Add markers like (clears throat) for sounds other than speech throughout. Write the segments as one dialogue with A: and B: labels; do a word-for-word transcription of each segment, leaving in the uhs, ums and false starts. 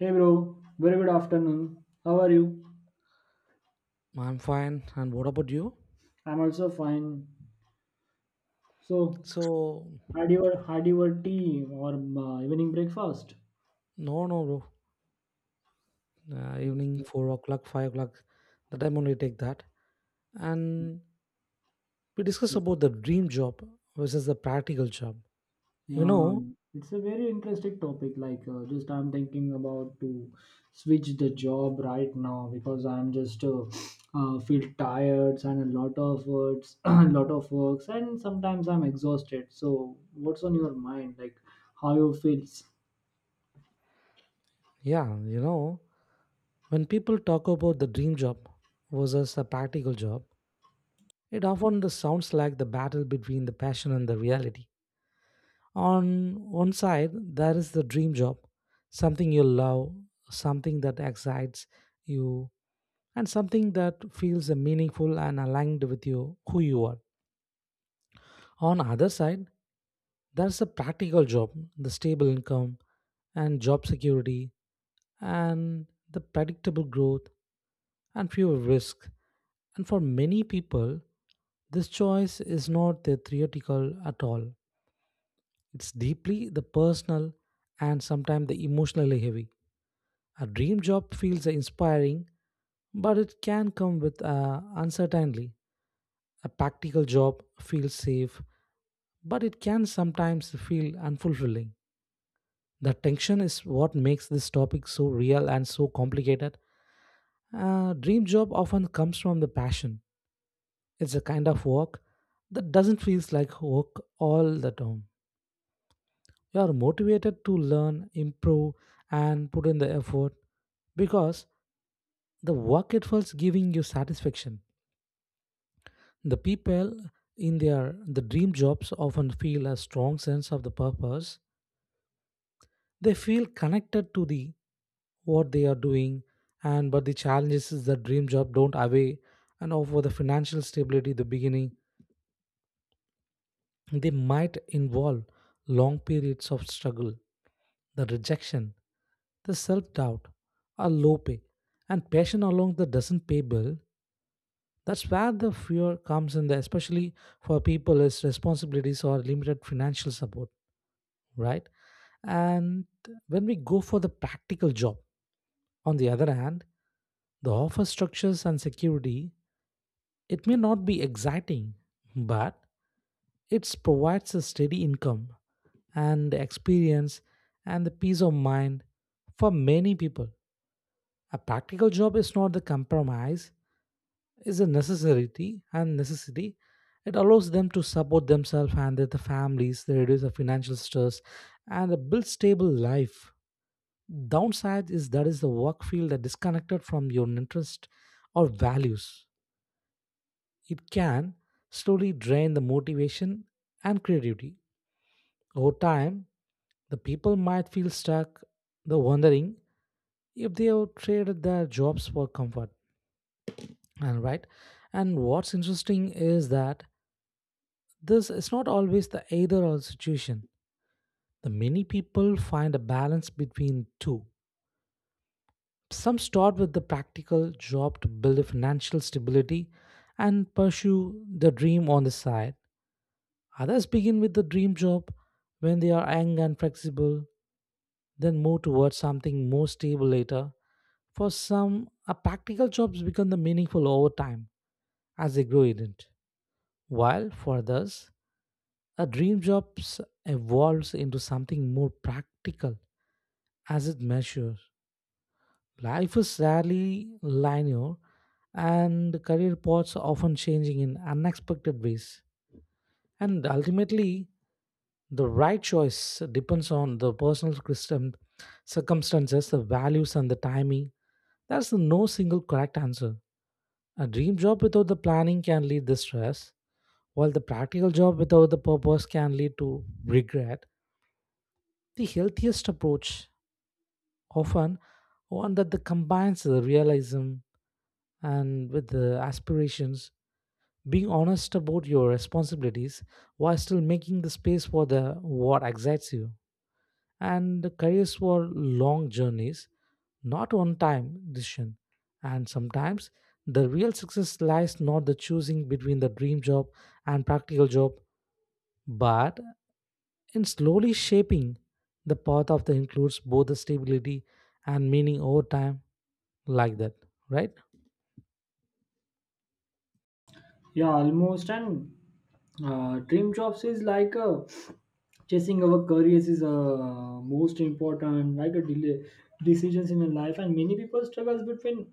A: Hey bro, very good afternoon. How are you?
B: I'm fine. And what about you?
A: I'm also fine. So,
B: So,
A: had your had your tea or uh, evening breakfast?
B: no, no, bro. Uh, evening, four o'clock, five o'clock, the time only take that. And we discuss about the dream job versus the practical job. You
A: Yeah,
B: know,
A: it's a very interesting topic. Like, uh, just I'm thinking about to switch the job right now because I'm just uh, uh, feel tired and a lot of words, (clears throat) a lot of works, and sometimes I'm exhausted. So, what's on your mind? Like, how you feels?
B: yeah, you know, when people talk about the dream job versus a practical job, it often the sounds like the battle between the passion and the reality. On one side, there is the dream job, something you love, something that excites you, and something that feels meaningful and aligned with you, who you are. On other side, there's a practical job, the stable income and job security and the predictable growth and fewer risk. And for many people, this choice is not theoretical at all. It's deeply the personal and sometimes the emotionally heavy. A dream job feels inspiring, but it can come with uh, uncertainty. A practical job feels safe, but it can sometimes feel unfulfilling. The tension is what makes this topic so real and so complicated. A dream job often comes from the passion. It's a kind of work that doesn't feel like work all the time. You are motivated to learn, improve, and put in the effort because the work itself is giving you satisfaction. The people in their the dream jobs often feel a strong sense of the purpose. They feel connected to the what they are doing, and but the challenge is the dream job don't away and offer the financial stability. The beginning they might involve long periods of struggle, the rejection, the self doubt, are low pay, and passion alone that doesn't pay bill. That's where the fear comes in, there, especially for people as responsibilities or limited financial support, right? And when we go for the practical job, on the other hand, the offer structures and security, it may not be exciting, but it provides a steady income and experience and the peace of mind for many people. A practical job is not the compromise, it's a necessity and necessity. It allows them to support themselves and their families, they reduce the financial stress and build stable life. Downside is that is the work field that disconnected from your interest or values. It can slowly drain the motivation and creativity. Over time, the people might feel stuck, the wondering if they have traded their jobs for comfort, and right. And what's interesting is that this is not always the either or situation. The many people find a balance between two. Some start with the practical job to build a financial stability and pursue the dream on the side. Others begin with the dream job when they are young and flexible, then move towards something more stable later. For some a practical jobs become the meaningful over time as they grow in it, while for others a dream job s- evolves into something more practical as it measures. Life is rarely linear, and career paths are often changing in unexpected ways. And ultimately, the right choice depends on the personal custom- circumstances, the values, and the timing. There's no single correct answer. A dream job without the planning can lead to stress, while the practical job without the purpose can lead to regret. The healthiest approach often one that the combines the realism and with the aspirations, being honest about your responsibilities while still making the space for the what excites you, and careers were long journeys, not one time decision. And sometimes the real success lies not the choosing between the dream job and practical job, but and slowly shaping the path of the includes both the stability and meaning over time, like that, right?
A: Yeah, almost. And uh, dream jobs is like uh, chasing our careers is uh, most important like a delay decisions in a life, and many people struggles between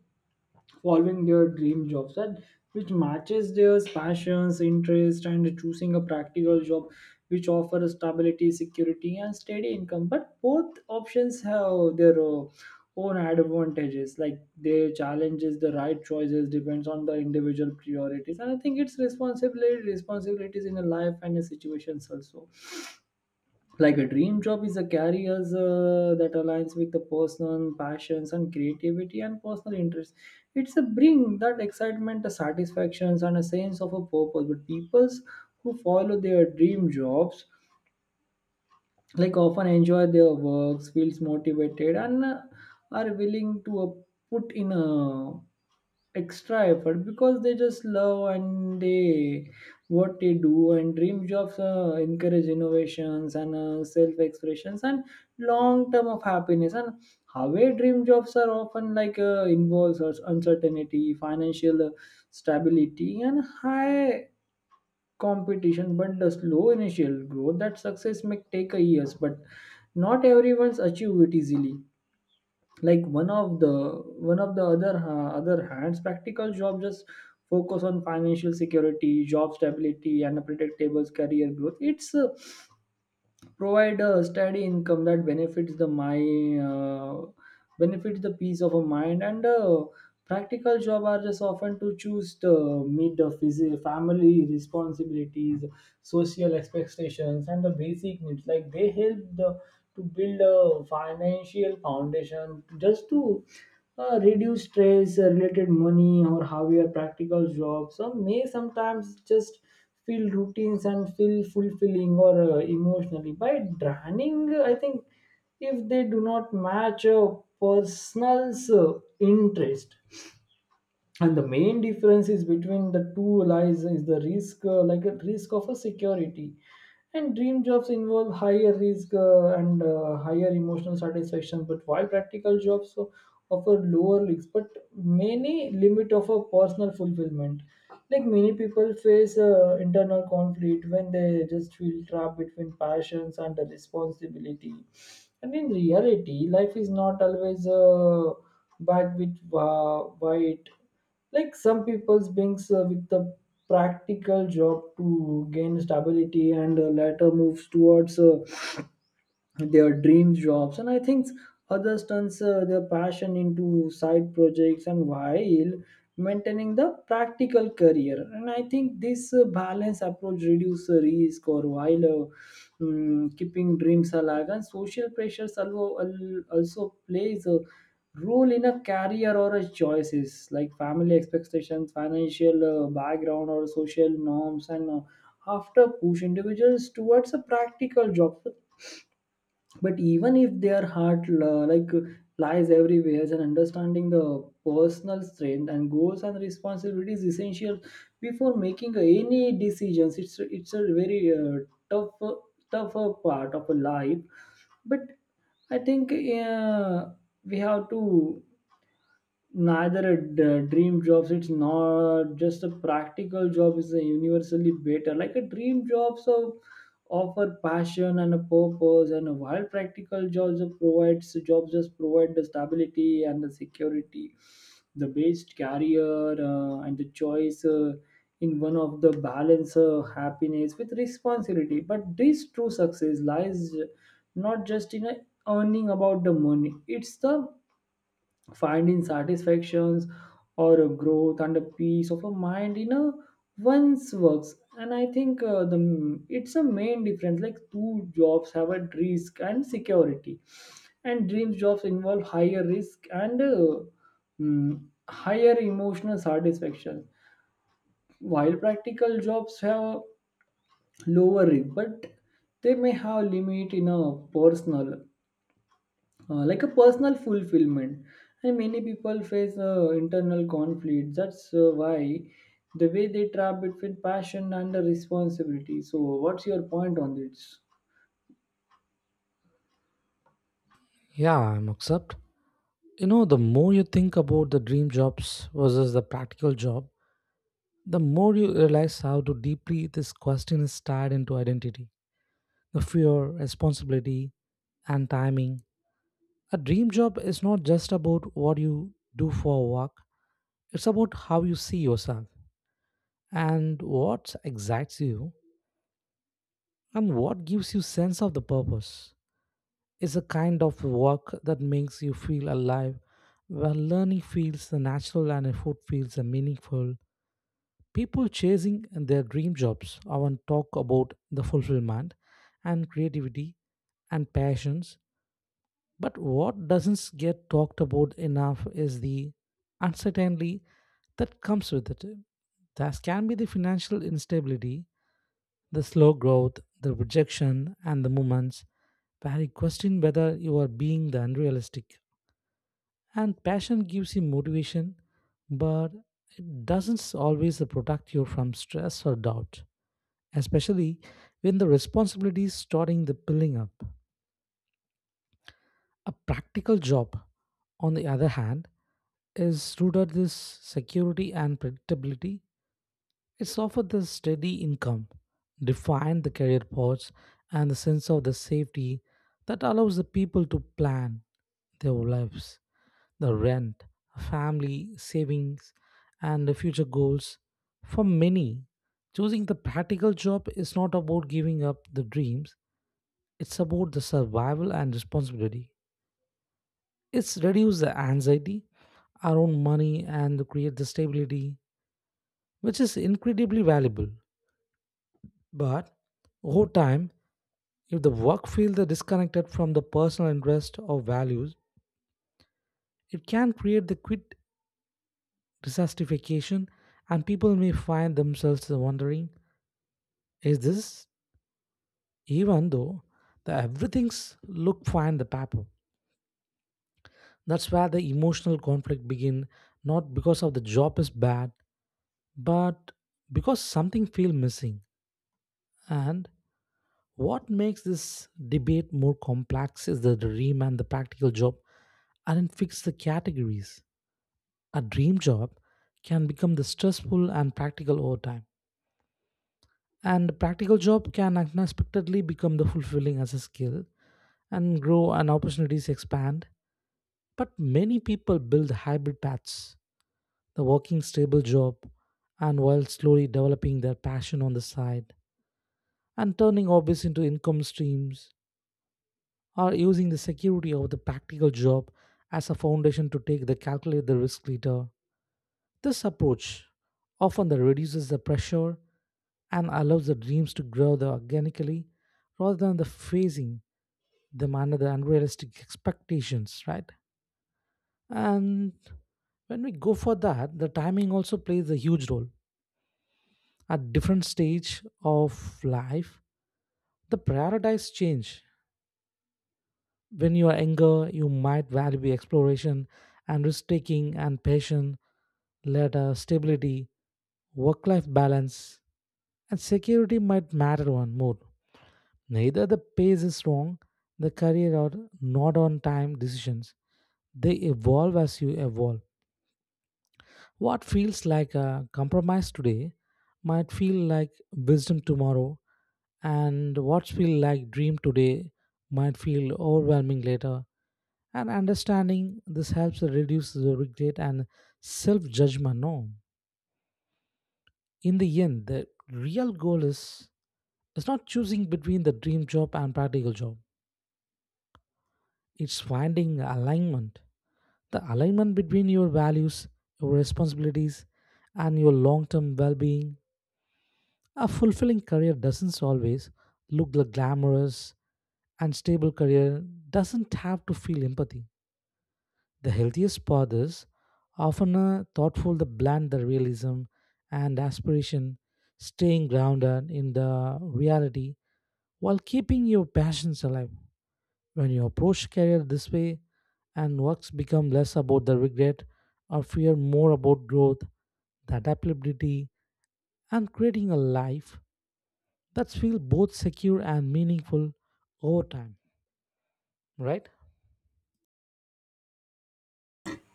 A: following their dream jobs that which matches their passions interest and choosing a practical job which offers stability security and steady income, but both options have their uh, own advantages like their challenges. The right choices depends on the individual priorities, and I think it's responsibility responsibilities in a life and a situations also. Like a dream job is a career uh, that aligns with the personal passions and creativity and personal interests. It's a bring that excitement the satisfactions and a sense of a purpose, but people who follow their dream jobs like often enjoy their works feels motivated and uh, are willing to uh, put in a extra effort because they just love and they what they do. And dream jobs uh, encourage innovations and uh, self expressions and long term of happiness. And however dream jobs are often like uh, involves us- uncertainty financial uh, stability and high competition, but the slow initial growth that success may take a years, but not everyone's achieve it easily. Like one of the one of the other uh, other hands, practical job just focus on financial security job stability and a predictable career growth. It's uh, provide a steady income that benefits the mind uh, benefits the peace of a mind. And a practical job are just often to choose to meet the phys- family responsibilities, social expectations, and the basic needs. Like they help the to build a financial foundation just to uh, reduce stress uh, related money, or how practical jobs or may sometimes just feel routines and feel fulfilling or uh, emotionally by draining, I think, if they do not match a person's uh, interest. And the main difference is between the two lies is the risk uh, like a risk of a security. And dream jobs involve higher risk uh, and uh, higher emotional satisfaction, but while practical jobs o- offer lower risks but many limit of a personal fulfillment. Like many people face uh, internal conflict when they just feel trapped between passions and the responsibility. And in reality life is not always uh, black with uh, white. Like some people brings uh, with the practical job to gain stability and uh, later moves towards uh, their dream jobs, and I think others turns uh, their passion into side projects and while maintaining the practical career. And I think this uh, balanced approach reduces risk or while uh, mm, keeping dreams alive. And social pressures also, also plays a role in a career or a choices, like family expectations financial uh, background or social norms and uh, after push individuals towards a practical job, but even if their heart la- like lies everywhere. And understanding the personal strength and goals and responsibilities is essential before making any decisions. It's it's a very uh, tough uh, tougher part of a life. But I think uh, we have to neither a d- dream jobs. It's not just a practical job is a universally better. Like a dream job so offer passion and a purpose and a while practical jobs are provides jobs just provide the stability and the security. The best career uh, and the choice uh, in one of the balance uh, happiness with responsibility, but this true success lies not just in a earning about the money. It's the finding satisfactions or a growth and a peace of a mind in a one's works. And I think uh, the it's a main difference like two jobs have a risk and security. And dreams jobs involve higher risk and uh, mm, higher emotional satisfaction while practical jobs have lower risk, but they may have limit in a personal uh, like a personal fulfillment. And many people face uh, internal conflicts. That's uh, why the way they trap between passion and the responsibility. So what's your point on this?
B: Yeah, I'm accept. You know, the more you think about the dream jobs versus the practical job, the more you realize how to deeply this question is tied into identity, the fear, responsibility, and timing. A dream job is not just about what you do for work, it's about how you see yourself and what excites you. And what gives you sense of the purpose is a kind of work that makes you feel alive, where learning feels the natural and effort feels the meaningful. People chasing their dream jobs often talk about the fulfillment and creativity and passions, but what doesn't get talked about enough is the uncertainty that comes with it. That can be the financial instability, the slow growth, the rejection, and the moments where you question whether you are being the unrealistic. And passion gives you motivation, but it doesn't always protect you from stress or doubt, especially when the responsibilities starting the building up. A practical job, on the other hand, is rooted this security and predictability. It's offered the steady income, defined the career paths, and the sense of the safety that allows the people to plan their lives, the rent, family, savings, and the future goals. For many, choosing the practical job is not about giving up the dreams, it's about the survival and responsibility. It's reduce the anxiety around money and create the stability, which is incredibly valuable. But over time, if the work field is disconnected from the personal interest or values, it can create the quit dissatisfaction, and people may find themselves wondering, is this, even though the everything's look fine on the paper? That's where the emotional conflict begin, not because of the job is bad, but because something feels missing. And what makes this debate more complex is the dream and the practical job aren't fixed the categories. A dream job can become the stressful and practical over time. And a practical job can unexpectedly become the fulfilling as a skill and grow and opportunities expand. But many people build hybrid paths, the working stable job, and while slowly developing their passion on the side and turning hobbies into income streams or using the security of the practical job as a foundation to take the calculate the risk later. This approach often that reduces the pressure and allows the dreams to grow the organically rather than the phasing them under the unrealistic expectations, right? And when we go for that, the timing also plays a huge role. At different stage of life, the priorities change. When you are younger, you might value exploration and risk taking and passion, later stability, work life balance, and security might matter one more. Neither the pace is wrong, the career or not on time decisions. They evolve as you evolve. What feels like a compromise today might feel like wisdom tomorrow, and what feels like dream today might feel overwhelming later. And understanding this helps reduce the regret and self judgment. No, in the end, the real goal is, it's not choosing between the dream job and practical job. It's finding alignment. The alignment between your values, your responsibilities, and your long term well being. A fulfilling career doesn't always look glamorous, and stable career doesn't have to feel empathy. The healthiest path is often a thoughtful that blend the realism and aspiration, staying grounded in the reality while keeping your passions alive. When you approach career this way, and works become less about the regret or fear, more about growth, the adaptability, and creating a life that feels both secure and meaningful over time. Right?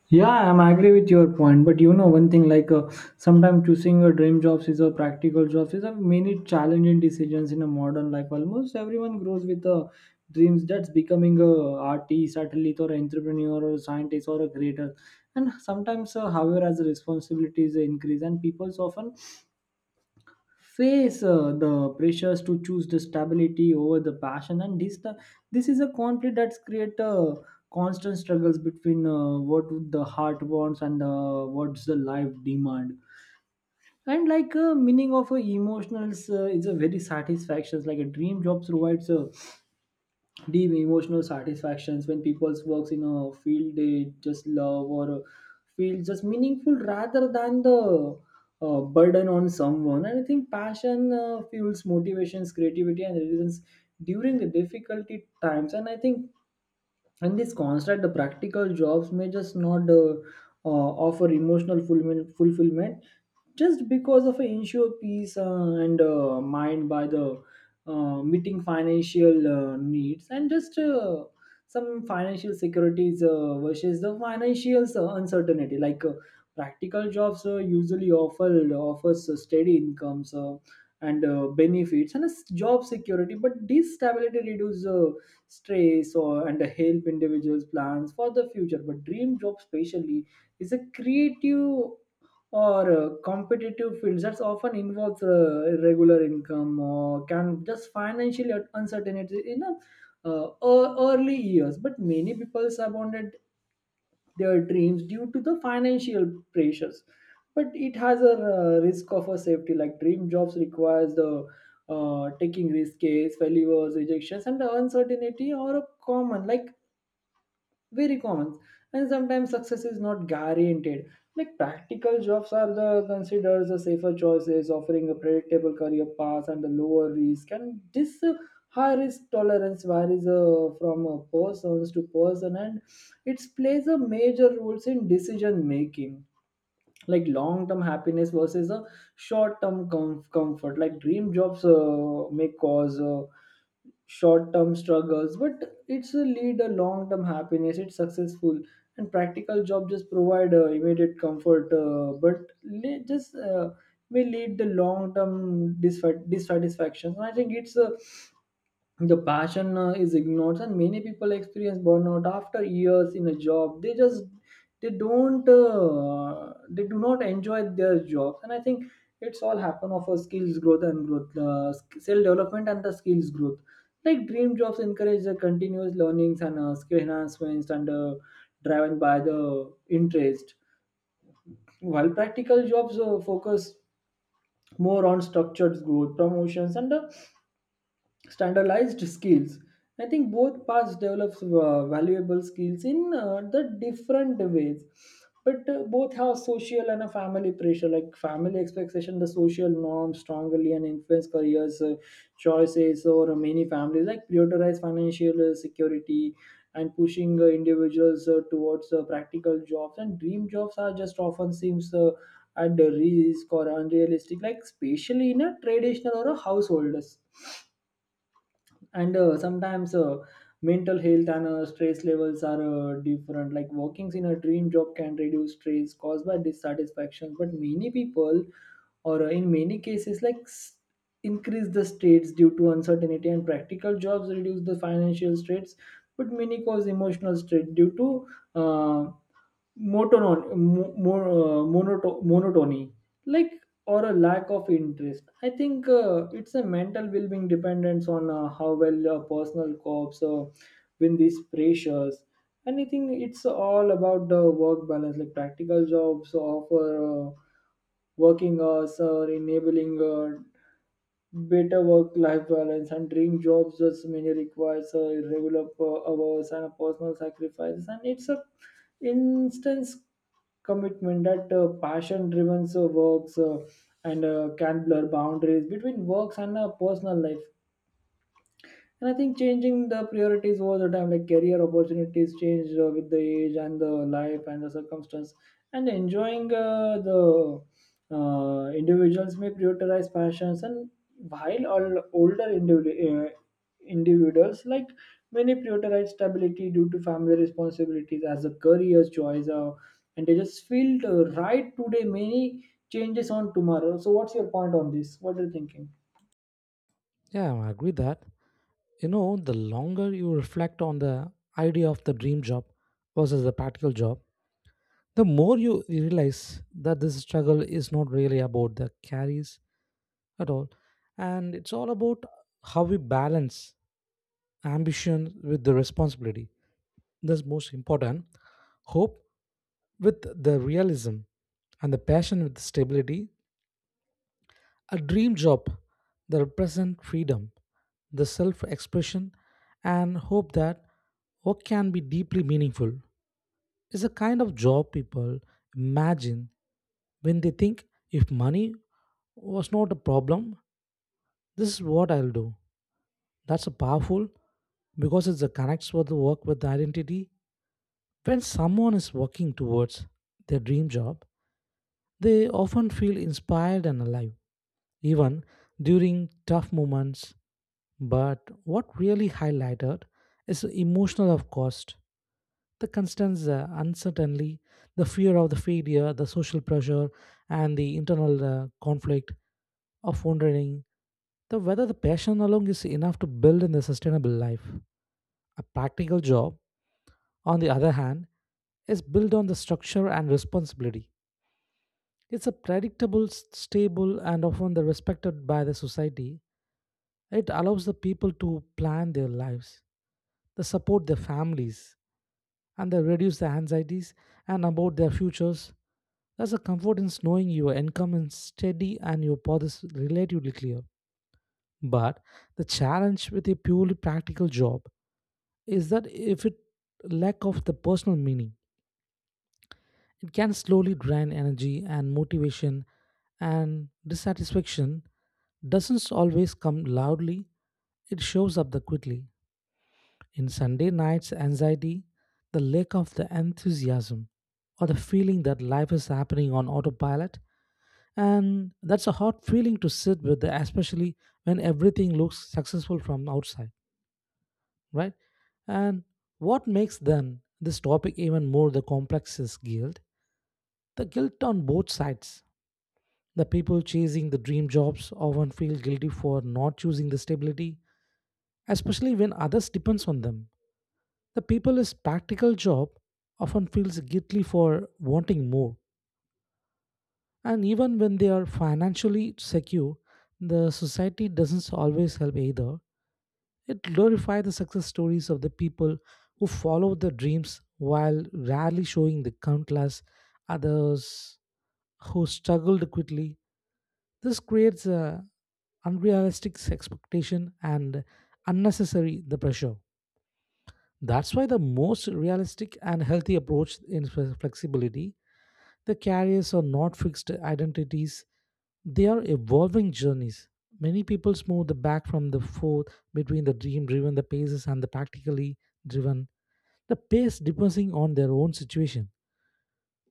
A: Yeah, I'm agree with your point, but you know one thing like uh, sometimes choosing your dream jobs is a practical jobs is a many challenging decisions in a modern life. Almost everyone grows with uh, dreams that's becoming a artist, athlete, or entrepreneur, or scientist, or a creator. And sometimes, uh, however, as responsibilities increase, and people often face uh, the pressures to choose the stability over the passion. And this the, this is a conflict that's create uh, constant struggles between uh, what the heart wants and uh, what's the life demand. And like uh, meaning of uh, emotionals uh, is a very satisfaction, like a dream job provides a deep emotional satisfactions when people's works in a field they just love, or uh, feel just meaningful rather than the uh, burden on someone. And I think passion uh, fuels motivations creativity and resilience during the difficulty times. And I think in this construct the practical jobs may just not uh, uh, offer emotional fulfillment, fulfillment just because of an ensure peace uh, and uh, mind by the uh, meeting financial uh, needs and just uh, some financial securities uh, versus the financial uh, uncertainty. Like uh, practical jobs uh, usually offer offers uh, steady incomes uh, and uh, benefits and a s- job security, but this stability reduces uh, stress or and help individuals plans for the future. But dream job especially is a creative or uh, competitive fields that often involves uh, irregular income or can just financial uncertainty in a, uh, ear- early years, but many people abandoned their dreams due to the financial pressures. But it has a uh, risk of a safety, like dream jobs requires the uh, taking risks failures rejections, and the uncertainty are common, like very common, and sometimes success is not guaranteed. Like practical jobs are the considered the safer choices offering a predictable career path and a lower risk. And this uh, high risk tolerance varies uh, from uh, persons to person, and it plays a major roles in decision making. Like long term happiness versus a short term com- comfort, like dream jobs uh, may cause uh, short term struggles, but it's a lead a long term happiness it's successful. And practical job just provide uh, immediate comfort uh, but le- just uh, may lead the long term dissatisfaction. And I think it's a the passion uh, is ignored, and many people experience burnout after years in a job. They just they don't uh, they do not enjoy their jobs. And I think it's all happen of a skills growth and growth uh, self development and the skills growth. Like dream jobs encourage the continuous learnings and uh, skill enhancements and uh, driven by the interest, while practical jobs uh, focus more on structured growth, promotions, and uh, standardized skills. I think both paths develops uh, valuable skills in uh, the different ways. But uh, both have social and a family pressure, like family expectation the social norms strongly and influence careers uh, choices or many families like prioritize financial uh, security and pushing uh, individuals uh, towards uh, practical jobs. And dream jobs are just often seems uh, at the risk or unrealistic like especially in a traditional or a householders. And uh, sometimes uh, mental health and uh, stress levels are uh, different, like working in a dream job can reduce stress caused by dissatisfaction, but many people or uh, in many cases like s- increase the states due to uncertainty. And practical jobs reduce the financial straits but many cause emotional stress due to uh, Monoton mo- mo- uh, monoto- monotony like or a lack of interest. I think uh, it's a mental well-being dependence on uh, how well uh, personal co-ops uh, win these pressures. Anything it's all about the work balance, like practical jobs offer uh, working hours or enabling uh, better work-life balance. And dream jobs just many requires a regular per- hours and a personal sacrifice, and it's a instance commitment that uh, passion-driven so works uh, and uh, can blur boundaries between works and uh, personal life. And I think changing the priorities over the time, like career opportunities change uh, with the age and the life and the circumstance. And enjoying uh, the uh, individuals may prioritize passions, and while all older individu- uh, individuals, like many prioritize stability due to family responsibilities as a career choice, uh, and they just feel uh, right today, many changes on tomorrow. So, what's your point on this? What are you thinking?
B: Yeah, I agree that. You know, the longer you reflect on the idea of the dream job versus the practical job, the more you realize that this struggle is not really about the carries at all. And it's all about how we balance ambition with the responsibility. That's most important. Hope with the realism and the passion with the stability. A dream job that represent freedom, the self-expression, and hope that work can be deeply meaningful. It's a kind of job people imagine when they think if money was not a problem, this is what I'll do. That's a powerful because it's a connects with the work with the identity. When someone is working towards their dream job, they often feel inspired and alive, even during tough moments. But what really highlighted is the emotional of cost, the constant uh, uncertainty, the fear of the failure, the social pressure, and the internal uh, conflict of wondering the whether the passion alone is enough to build in a sustainable life. A practical job on the other hand, is built on the structure and responsibility. It's a predictable, s- stable, and often the respected by the society. It allows the people to plan their lives, they support their families, and they reduce the anxieties and about their futures. There's a comfort in knowing your income is steady and your path is relatively clear. But the challenge with a purely practical job is that if it lack of the personal meaning, it can slowly drain energy and motivation, and dissatisfaction doesn't always come loudly, it shows up the quickly. In Sunday night's anxiety, the lack of the enthusiasm, or the feeling that life is happening on autopilot, and that's a hard feeling to sit with, especially when everything looks successful from outside, right? And what makes then this topic even more the complex is guilt. The guilt on both sides. The people chasing the dream jobs often feel guilty for not choosing the stability, especially when others depends on them. The people is practical job often feels guilty for wanting more. And even when they are financially secure, the society doesn't always help either. It glorifies the success stories of the people who follow their dreams while rarely showing the countless others who struggled quickly. This creates a unrealistic expectation and unnecessary the pressure. That's why the most realistic and healthy approach in flexibility, the carriers are not fixed identities, they are evolving journeys. Many people move the back from the forth between the dream driven the paces and the practically driven the pace depending on their own situation.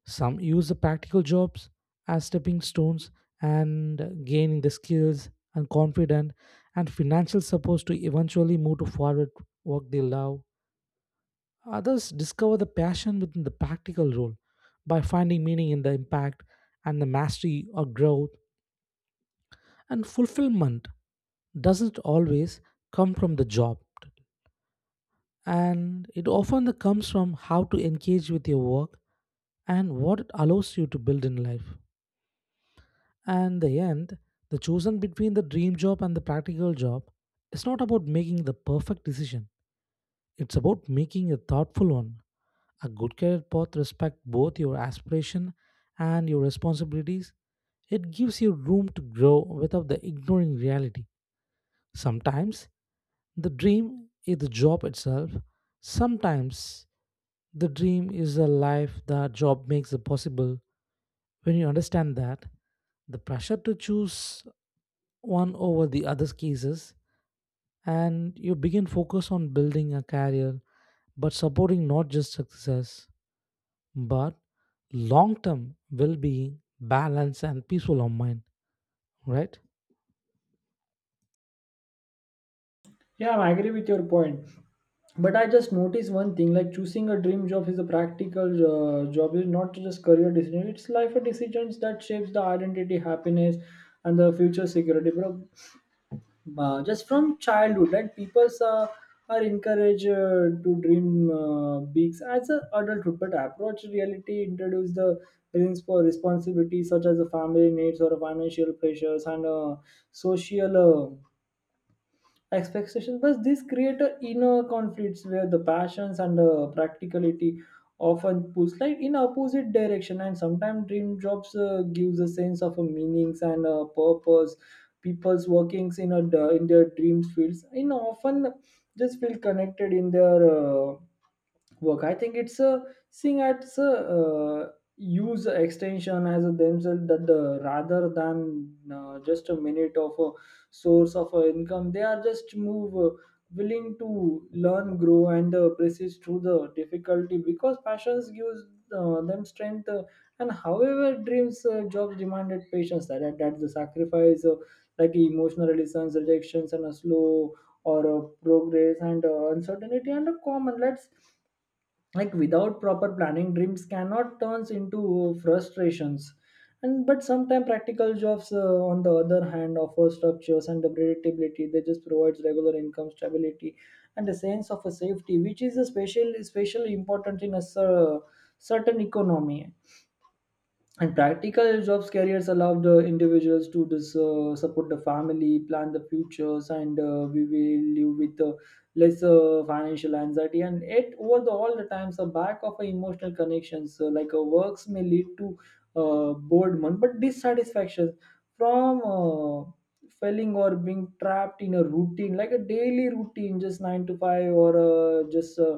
B: Some use the practical jobs as stepping stones and gaining the skills and confidence and financial support to eventually move to forward work they love. Others discover the passion within the practical role by finding meaning in the impact and the mastery or growth. And fulfillment doesn't always come from the job, and it often comes from how to engage with your work and what it allows you to build in life. And the end, the chosen between the dream job and the practical job is not about making the perfect decision. It's about making a thoughtful one. A good career path respects both your aspiration and your responsibilities. It gives you room to grow without the ignoring reality. Sometimes the dream is the job itself. Sometimes the dream is a life that job makes it possible. When you understand that, the pressure to choose one over the other cases and you begin focus on building a career but supporting not just success but long term well being balance and peaceful of mind, right?
A: Yeah, I agree with your point. But I just noticed one thing. Like, choosing a dream job is a practical uh, job is not just career decision, it's life decisions that shapes the identity, happiness, and the future security, bro. Uh, just from childhood, right? People uh, are encouraged uh, to dream uh, big as an adulthood, but approach reality introduce the reasons for responsibilities such as the family needs or financial pressures and uh, social uh, expectations, but this create a inner conflicts where the passions and the practicality often push like in opposite direction. And sometimes dream jobs uh, gives a sense of a meanings and a purpose. People's workings in a in their dreams fields in often just feel connected in their uh, work. I think it's a seeing at a uh, use extension as a themselves, that the rather than uh, just a minute of a source of a income, they are just move uh, willing to learn, grow, and uh, persist through the difficulty because passions gives uh, them strength. Uh, and however, dreams uh, jobs demanded patience. That that- that's the sacrifice, uh, like emotional resistance, rejections, and a slow or a progress and uh, uncertainty and a common. Let's like without proper planning dreams cannot turns into frustrations. And but sometimes practical jobs uh, on the other hand offer structures and the predictability. They just provides regular income, stability, and a sense of a safety, which is especially especially important in a cer- certain economy. And practical jobs careers allow the individuals to dis, uh, support the family, plan the futures, and uh, we will live with uh, less uh, financial anxiety. And it over the all the times a back of a emotional connections, so like a works may lead to uh, boredom but dissatisfaction from uh, failing or being trapped in a routine, like a daily routine just nine to five or uh, just uh,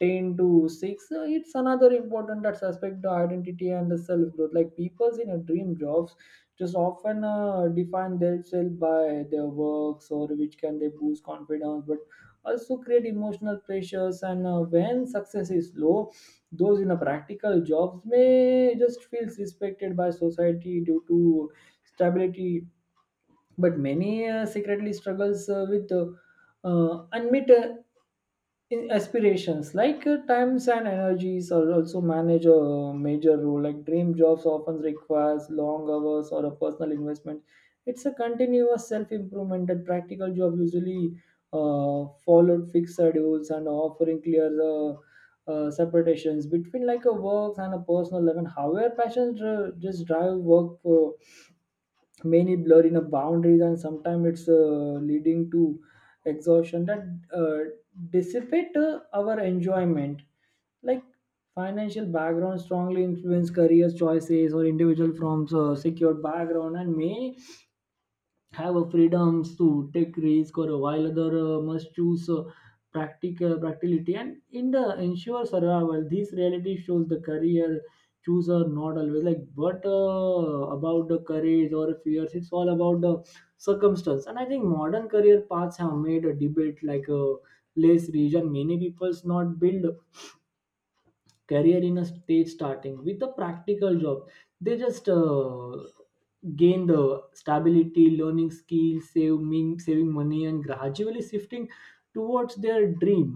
A: ten to six. Uh, it's another important aspect, the identity and the self growth. Like people's in a dream jobs just often uh, define themselves by their works, or which can they boost confidence, but also create emotional pressures. And uh, when success is low, those in a practical jobs may just feels respected by society due to stability, but many uh, secretly struggles uh, with uh, uh, unmet uh, in- aspirations. Like uh, times and energies are also manage a major role. Like dream jobs often requires long hours or a personal investment. It's a continuous self-improvement. And practical job usually uh, followed fixed schedules and offering clear uh, uh, separations between like a work and a personal life. And however passions dri- just drive work, uh, many blur in a boundaries and sometimes it's uh, leading to exhaustion that uh, dissipate uh, our enjoyment. Like financial background strongly influence career choices, or individual from uh, secured background and may have a freedoms to take risk, or while other uh, must choose uh, practical practicality and in the ensure survival. This reality shows the career choose are not always like but uh, about the courage or fears, it's all about the circumstance. And I think modern career paths have made a debate like a less region. Many people's not build career in a stage, starting with a practical job. They just uh, gain the stability, learning skills, saving saving money, and gradually shifting towards their dream.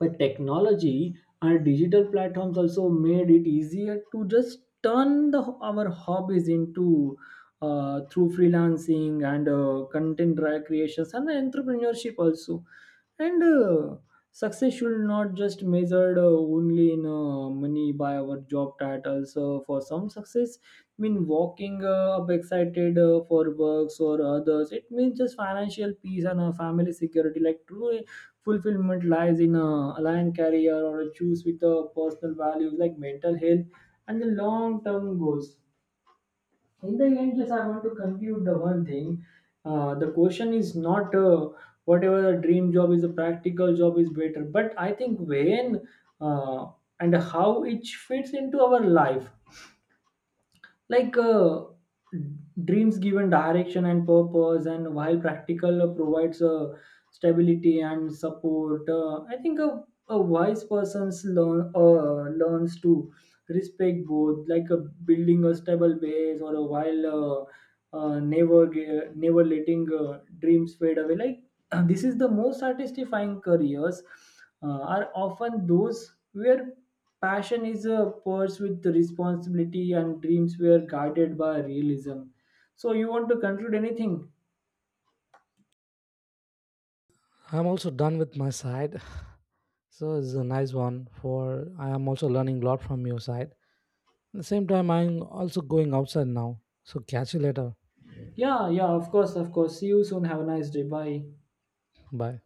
A: But technology and digital platforms also made it easier to just turn the, our hobbies into uh, through freelancing and uh, content dri- creations and entrepreneurship also. And uh, success should not just measured uh, only in uh, money by our job titles. Uh, for some, success mean walking uh, up excited uh, for works, or others it means just financial peace and uh, family security. Like true fulfillment lies in a aligned career or a choose with the personal values, like mental health and the long term goals. In the end, yes, I want to conclude the one thing. Uh, the question is not uh, whatever a dream job is, a practical job is better, but I think when uh, and how it fits into our life. Like uh, dreams given direction and purpose, and while practical uh, provides uh, stability and support. uh, I think a, a wise person's learn uh, learns to respect both, like a building a stable base, or a while uh, uh, never ge- never letting uh, dreams fade away. Like (clears throat) this is the most satisfying careers uh, are often those where passion is a purse with responsibility and dreams were guided by realism. So you want to conclude anything?
B: I'm also done with my side (sighs) so it's a nice one for I am also learning a lot from your side. At the same time I'm also going outside now, so catch you later.
A: Yeah, yeah, of course, of course, see you soon, have a nice day, bye.
B: Bye.